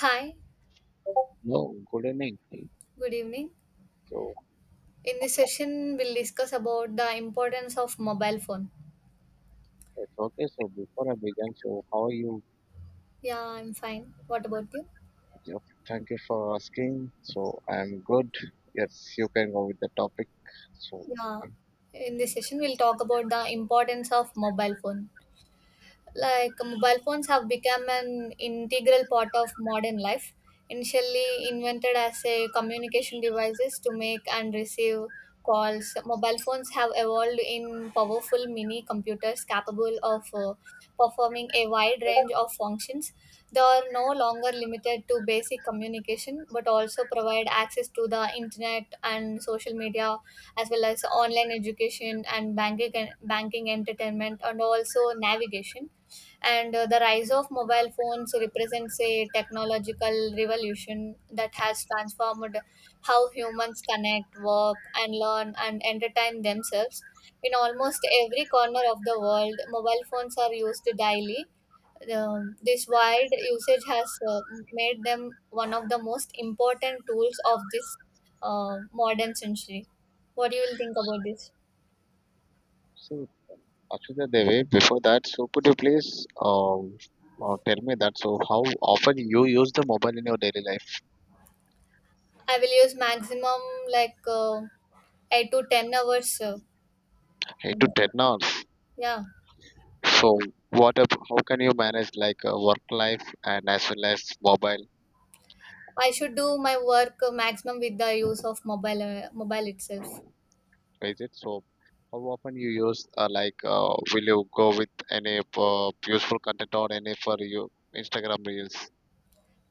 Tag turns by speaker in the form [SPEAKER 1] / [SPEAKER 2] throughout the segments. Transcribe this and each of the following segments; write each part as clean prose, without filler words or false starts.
[SPEAKER 1] Hi,
[SPEAKER 2] No, good evening.
[SPEAKER 1] good evening.
[SPEAKER 2] So
[SPEAKER 1] In this session, we'll discuss about the importance of mobile phone.
[SPEAKER 2] it's okay. So before I begin, so how are you?
[SPEAKER 1] Yeah, I'm fine. What about you?
[SPEAKER 2] Yep, thank you for asking. So I'm good. Yes, you can go with the topic. So,
[SPEAKER 1] Yeah,
[SPEAKER 2] okay.
[SPEAKER 1] in this session, we'll talk about the importance of mobile phone. Mobile phones have become an integral part of modern life, initially invented as a communication devices to make and receive calls. Mobile phones have evolved in powerful mini computers capable of performing a wide range of functions. They are no longer limited to basic communication, but also provide access to the internet and social media, as well as online education and banking, banking, entertainment and also navigation. And the rise of mobile phones represents a technological revolution that has transformed how humans connect, work, and learn and entertain themselves. In almost every corner of the world, mobile phones are used daily. This wide usage has made them one of the most important tools of this modern century. What do you will think about this?
[SPEAKER 2] So actually, the before that, so could you please tell me that? So how often you use the mobile in your daily life?
[SPEAKER 1] I will use maximum like uh, 8 to 10 hours.
[SPEAKER 2] 8 to 10 hours.
[SPEAKER 1] Yeah,
[SPEAKER 2] So what? How can you manage like work life and as well as mobile?
[SPEAKER 1] I should do my work maximum with the use of mobile mobile itself.
[SPEAKER 2] Is it? So how often you use like will you go with any useful content or any for you Instagram reels?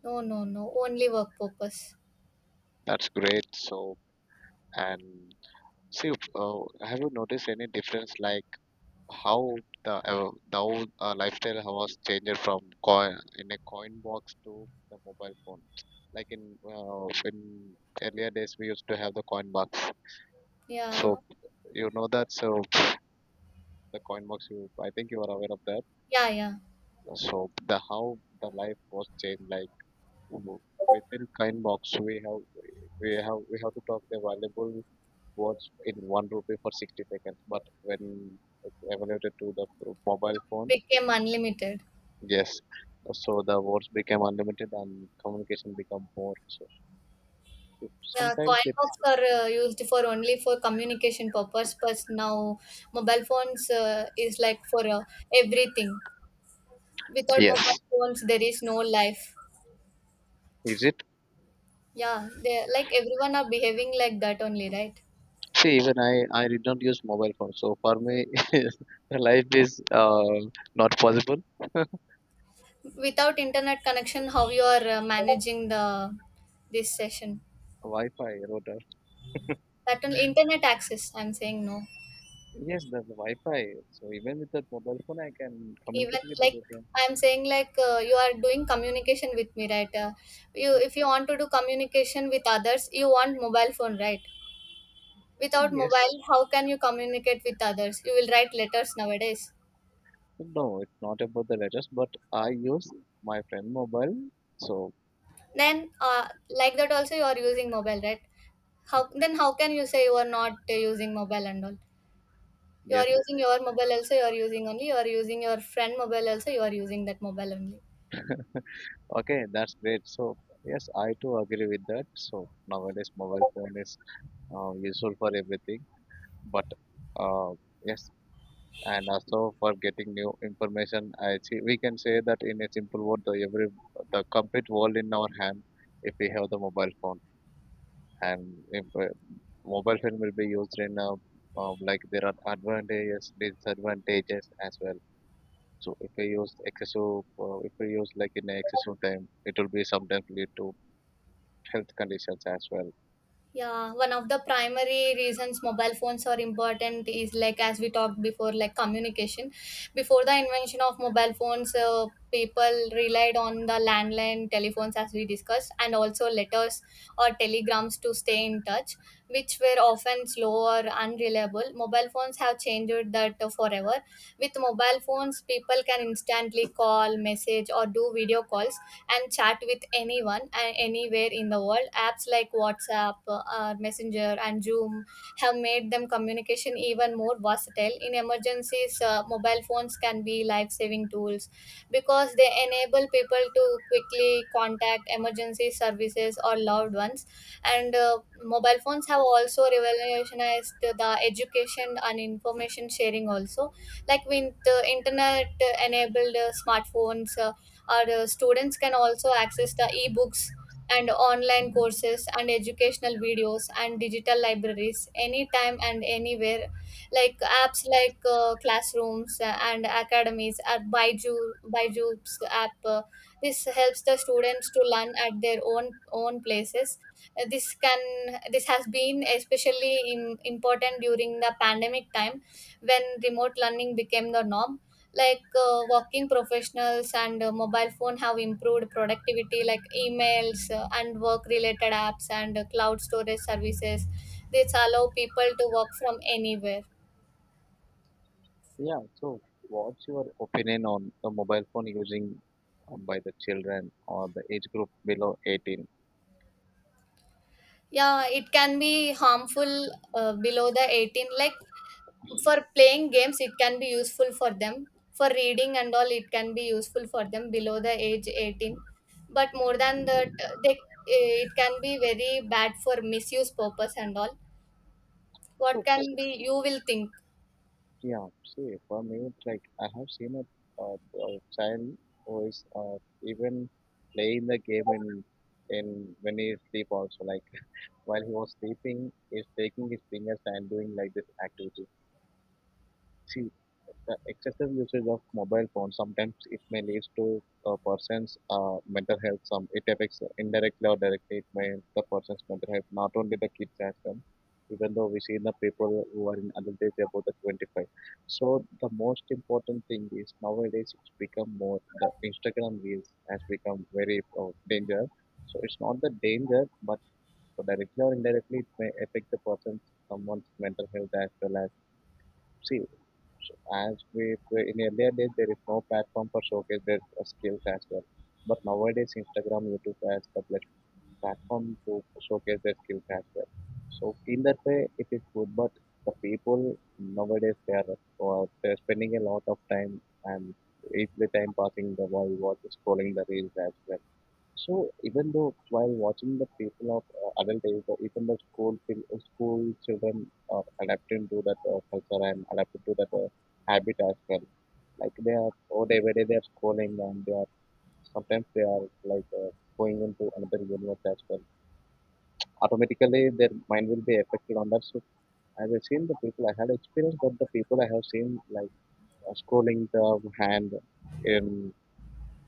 [SPEAKER 1] No, no, no, only work purpose.
[SPEAKER 2] That's great. So and see, have you noticed any difference, like how the old, lifestyle was changed from coin in a coin box to the mobile phone? Like in earlier days, we used to have the coin box.
[SPEAKER 1] Yeah,
[SPEAKER 2] So you know that. So the coin box, you I think you are aware of that.
[SPEAKER 1] yeah, yeah.
[SPEAKER 2] So the how the life was changed, like w- within coin box, we have to talk the valuable words in 1 rupee for 60 seconds. But when it's evaluated to the mobile phone,
[SPEAKER 1] Became unlimited.
[SPEAKER 2] yes, so the words became unlimited and communication become more. So it,
[SPEAKER 1] Yeah,
[SPEAKER 2] sometimes
[SPEAKER 1] coin
[SPEAKER 2] it,
[SPEAKER 1] box are used for only for communication purpose, but now mobile phones is like for everything. Without mobile
[SPEAKER 2] yes,
[SPEAKER 1] phones, there is no life.
[SPEAKER 2] is it?
[SPEAKER 1] Yeah, they like everyone are behaving like that only, right?
[SPEAKER 2] See, even I did not use mobile phone, so for me, life is not possible.
[SPEAKER 1] Without internet connection, how you are managing the this session?
[SPEAKER 2] Wi-Fi router.
[SPEAKER 1] That on internet access, I'm saying no.
[SPEAKER 2] Yes, there's a Wi-Fi. So even with that mobile phone, I can communicate
[SPEAKER 1] Even
[SPEAKER 2] with the
[SPEAKER 1] like
[SPEAKER 2] people.
[SPEAKER 1] I'm saying like you are doing communication with me, right? You
[SPEAKER 2] Yeah,
[SPEAKER 1] if you want to do communication with others, you want mobile phone, right? Without
[SPEAKER 2] yes.
[SPEAKER 1] mobile, how can you communicate with others? You will write letters nowadays.
[SPEAKER 2] No, it's not about the letters, but I use my friend mobile. So
[SPEAKER 1] Then like that also you are using mobile, right? How then how can you say you are not using mobile and all? You are
[SPEAKER 2] yes,
[SPEAKER 1] using your mobile also. You are using only. You are using your friend mobile also. You are using that mobile only.
[SPEAKER 2] okay, that's great. So yes, I too agree with that. So nowadays, mobile phone is useful for everything. But uh, yes, and also for getting new information, I see we can say that in a simple word, the complete world in our hand if we have the mobile phone. And if, mobile phone will be used in like there are advantages disadvantages as well. So if we use like in excessive time, it will be sometimes lead to health conditions as well.
[SPEAKER 1] Yeah, one of the primary reasons mobile phones are important is like, as we talked before, like communication. Before the invention of mobile phones, people relied on the landline telephones, as we discussed, and also letters or telegrams to stay in touch, which were often slow or unreliable. Mobile phones have changed that forever. With mobile phones, people can instantly call, message, or do video calls and chat with anyone and anywhere in the world. Apps like WhatsApp, Messenger, and Zoom have made them communication even more versatile. In emergencies, mobile phones can be life-saving tools because they enable people to quickly contact emergency services or loved ones. And mobile phones have also revolutionized the education and information sharing also, like with the internet enabled smartphones. Our students can also access the ebooks and online courses and educational videos and digital libraries anytime and anywhere, like apps like classrooms and academies or Baiju, Baiju's app. This helps the students to learn at their own places. Uh, this can this has been especially im important during the pandemic time, when remote learning became the norm. Working professionals and mobile phone have improved productivity, like emails and work related apps and cloud storage services. This allow people to work from anywhere.
[SPEAKER 2] Yeah, so what's your opinion on the mobile phone using by the children or the age group below 18?
[SPEAKER 1] Yeah, it can be harmful below the 18, like for playing games it can be useful for them, for reading and all it can be useful for them below the age 18. But more than that it can be very bad for misuse purpose and all. What
[SPEAKER 2] so s-
[SPEAKER 1] can be you will think?
[SPEAKER 2] Yeah, see, for me, like I have seen a child who is even playing the game in when he is asleep also. Like while he was sleeping, he's taking his fingers and doing like this activity. See, the excessive usage of mobile phones sometimes it may lead to a person's mental health. Some it affects indirectly or directly. It may affect the person's mental health, not only the kids as well. Even though we see the people who are in adult age about the 25. So the most important thing is nowadays it's become more the Instagram reels has become very dangerous. So it's not the danger, but directly or indirectly it may affect the person's someone's mental health as well as. See, so as we in earlier days there is no platform for showcase their skills as well. But nowadays Instagram, YouTube as the platform to showcase their skills as well. So in that way it is good, but the people nowadays they're spending a lot of time and easily time passing the while watch scrolling the reels as well. So even though while watching the people of adult age, even the school school children are adapting to that culture and adapting to that habit as well. Like they are schooling and they are sometimes they are like going into another universe as well. Automatically their mind will be affected on that. So as I've seen the people I had experienced, that the people I have seen like schooling the hand in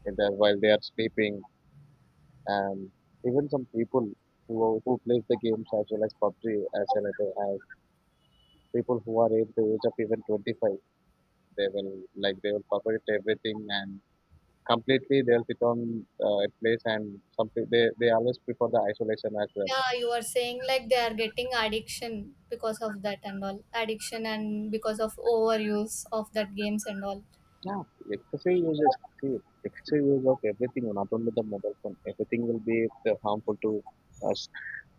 [SPEAKER 2] in the while they are sleeping, and even some people who plays the games as well as PUBG as well as people who are at the age of even 25. They will, like, they will forget everything and completely they'll sit on a place, and some pe- they always prefer the isolation as well.
[SPEAKER 1] Yeah, you are saying like they are getting addiction because of that and all, addiction and because of overuse of that games and all.
[SPEAKER 2] Yeah, excessive use excessive use of everything, not only the mobile phone. Everything will be harmful to us.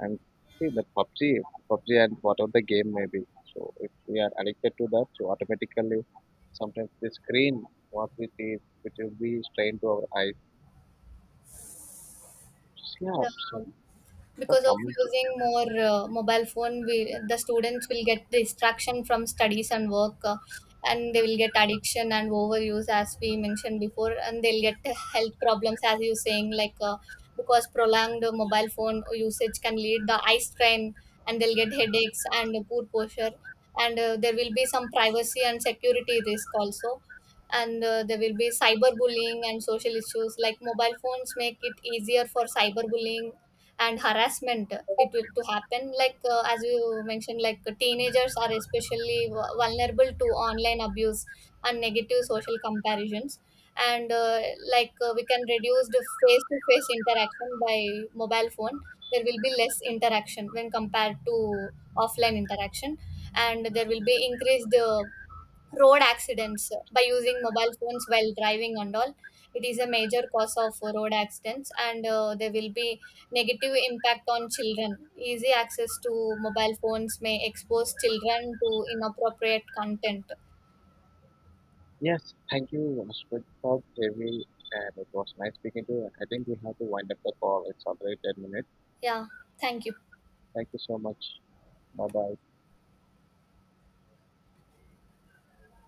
[SPEAKER 2] And see the PUBG, and whatever the game may be. So if we are addicted to that, so automatically sometimes the screen what we see which will be strained to our eyes. Yeah,
[SPEAKER 1] Yeah,
[SPEAKER 2] so for
[SPEAKER 1] because of
[SPEAKER 2] coming to
[SPEAKER 1] using more mobile phone, we, the students will get distraction from studies and work, and they will get addiction and overuse as we mentioned before, and they'll get health problems as you saying, because prolonged mobile phone usage can lead the eye strain, and they'll get headaches and poor posture, and there will be some privacy and security risk also, and there will be cyberbullying and social issues, like mobile phones make it easier for cyberbullying and harassment it will to happen, like as you mentioned, like teenagers are especially vulnerable to online abuse and negative social comparisons. And like We can reduce the face to face interaction by mobile phone, there will be less interaction when compared to offline interaction, and there will be increased road accidents by using mobile phones while driving and all. It is a major cause of road accidents, and there will be negative impact on children, easy access to mobile phones may expose children to inappropriate content.
[SPEAKER 2] yes, thank you, Ashwin, for having, and it was nice speaking to you. I think we have to wind up the call. It's already 10 minutes.
[SPEAKER 1] Yeah, thank you.
[SPEAKER 2] Thank you so much. Bye bye.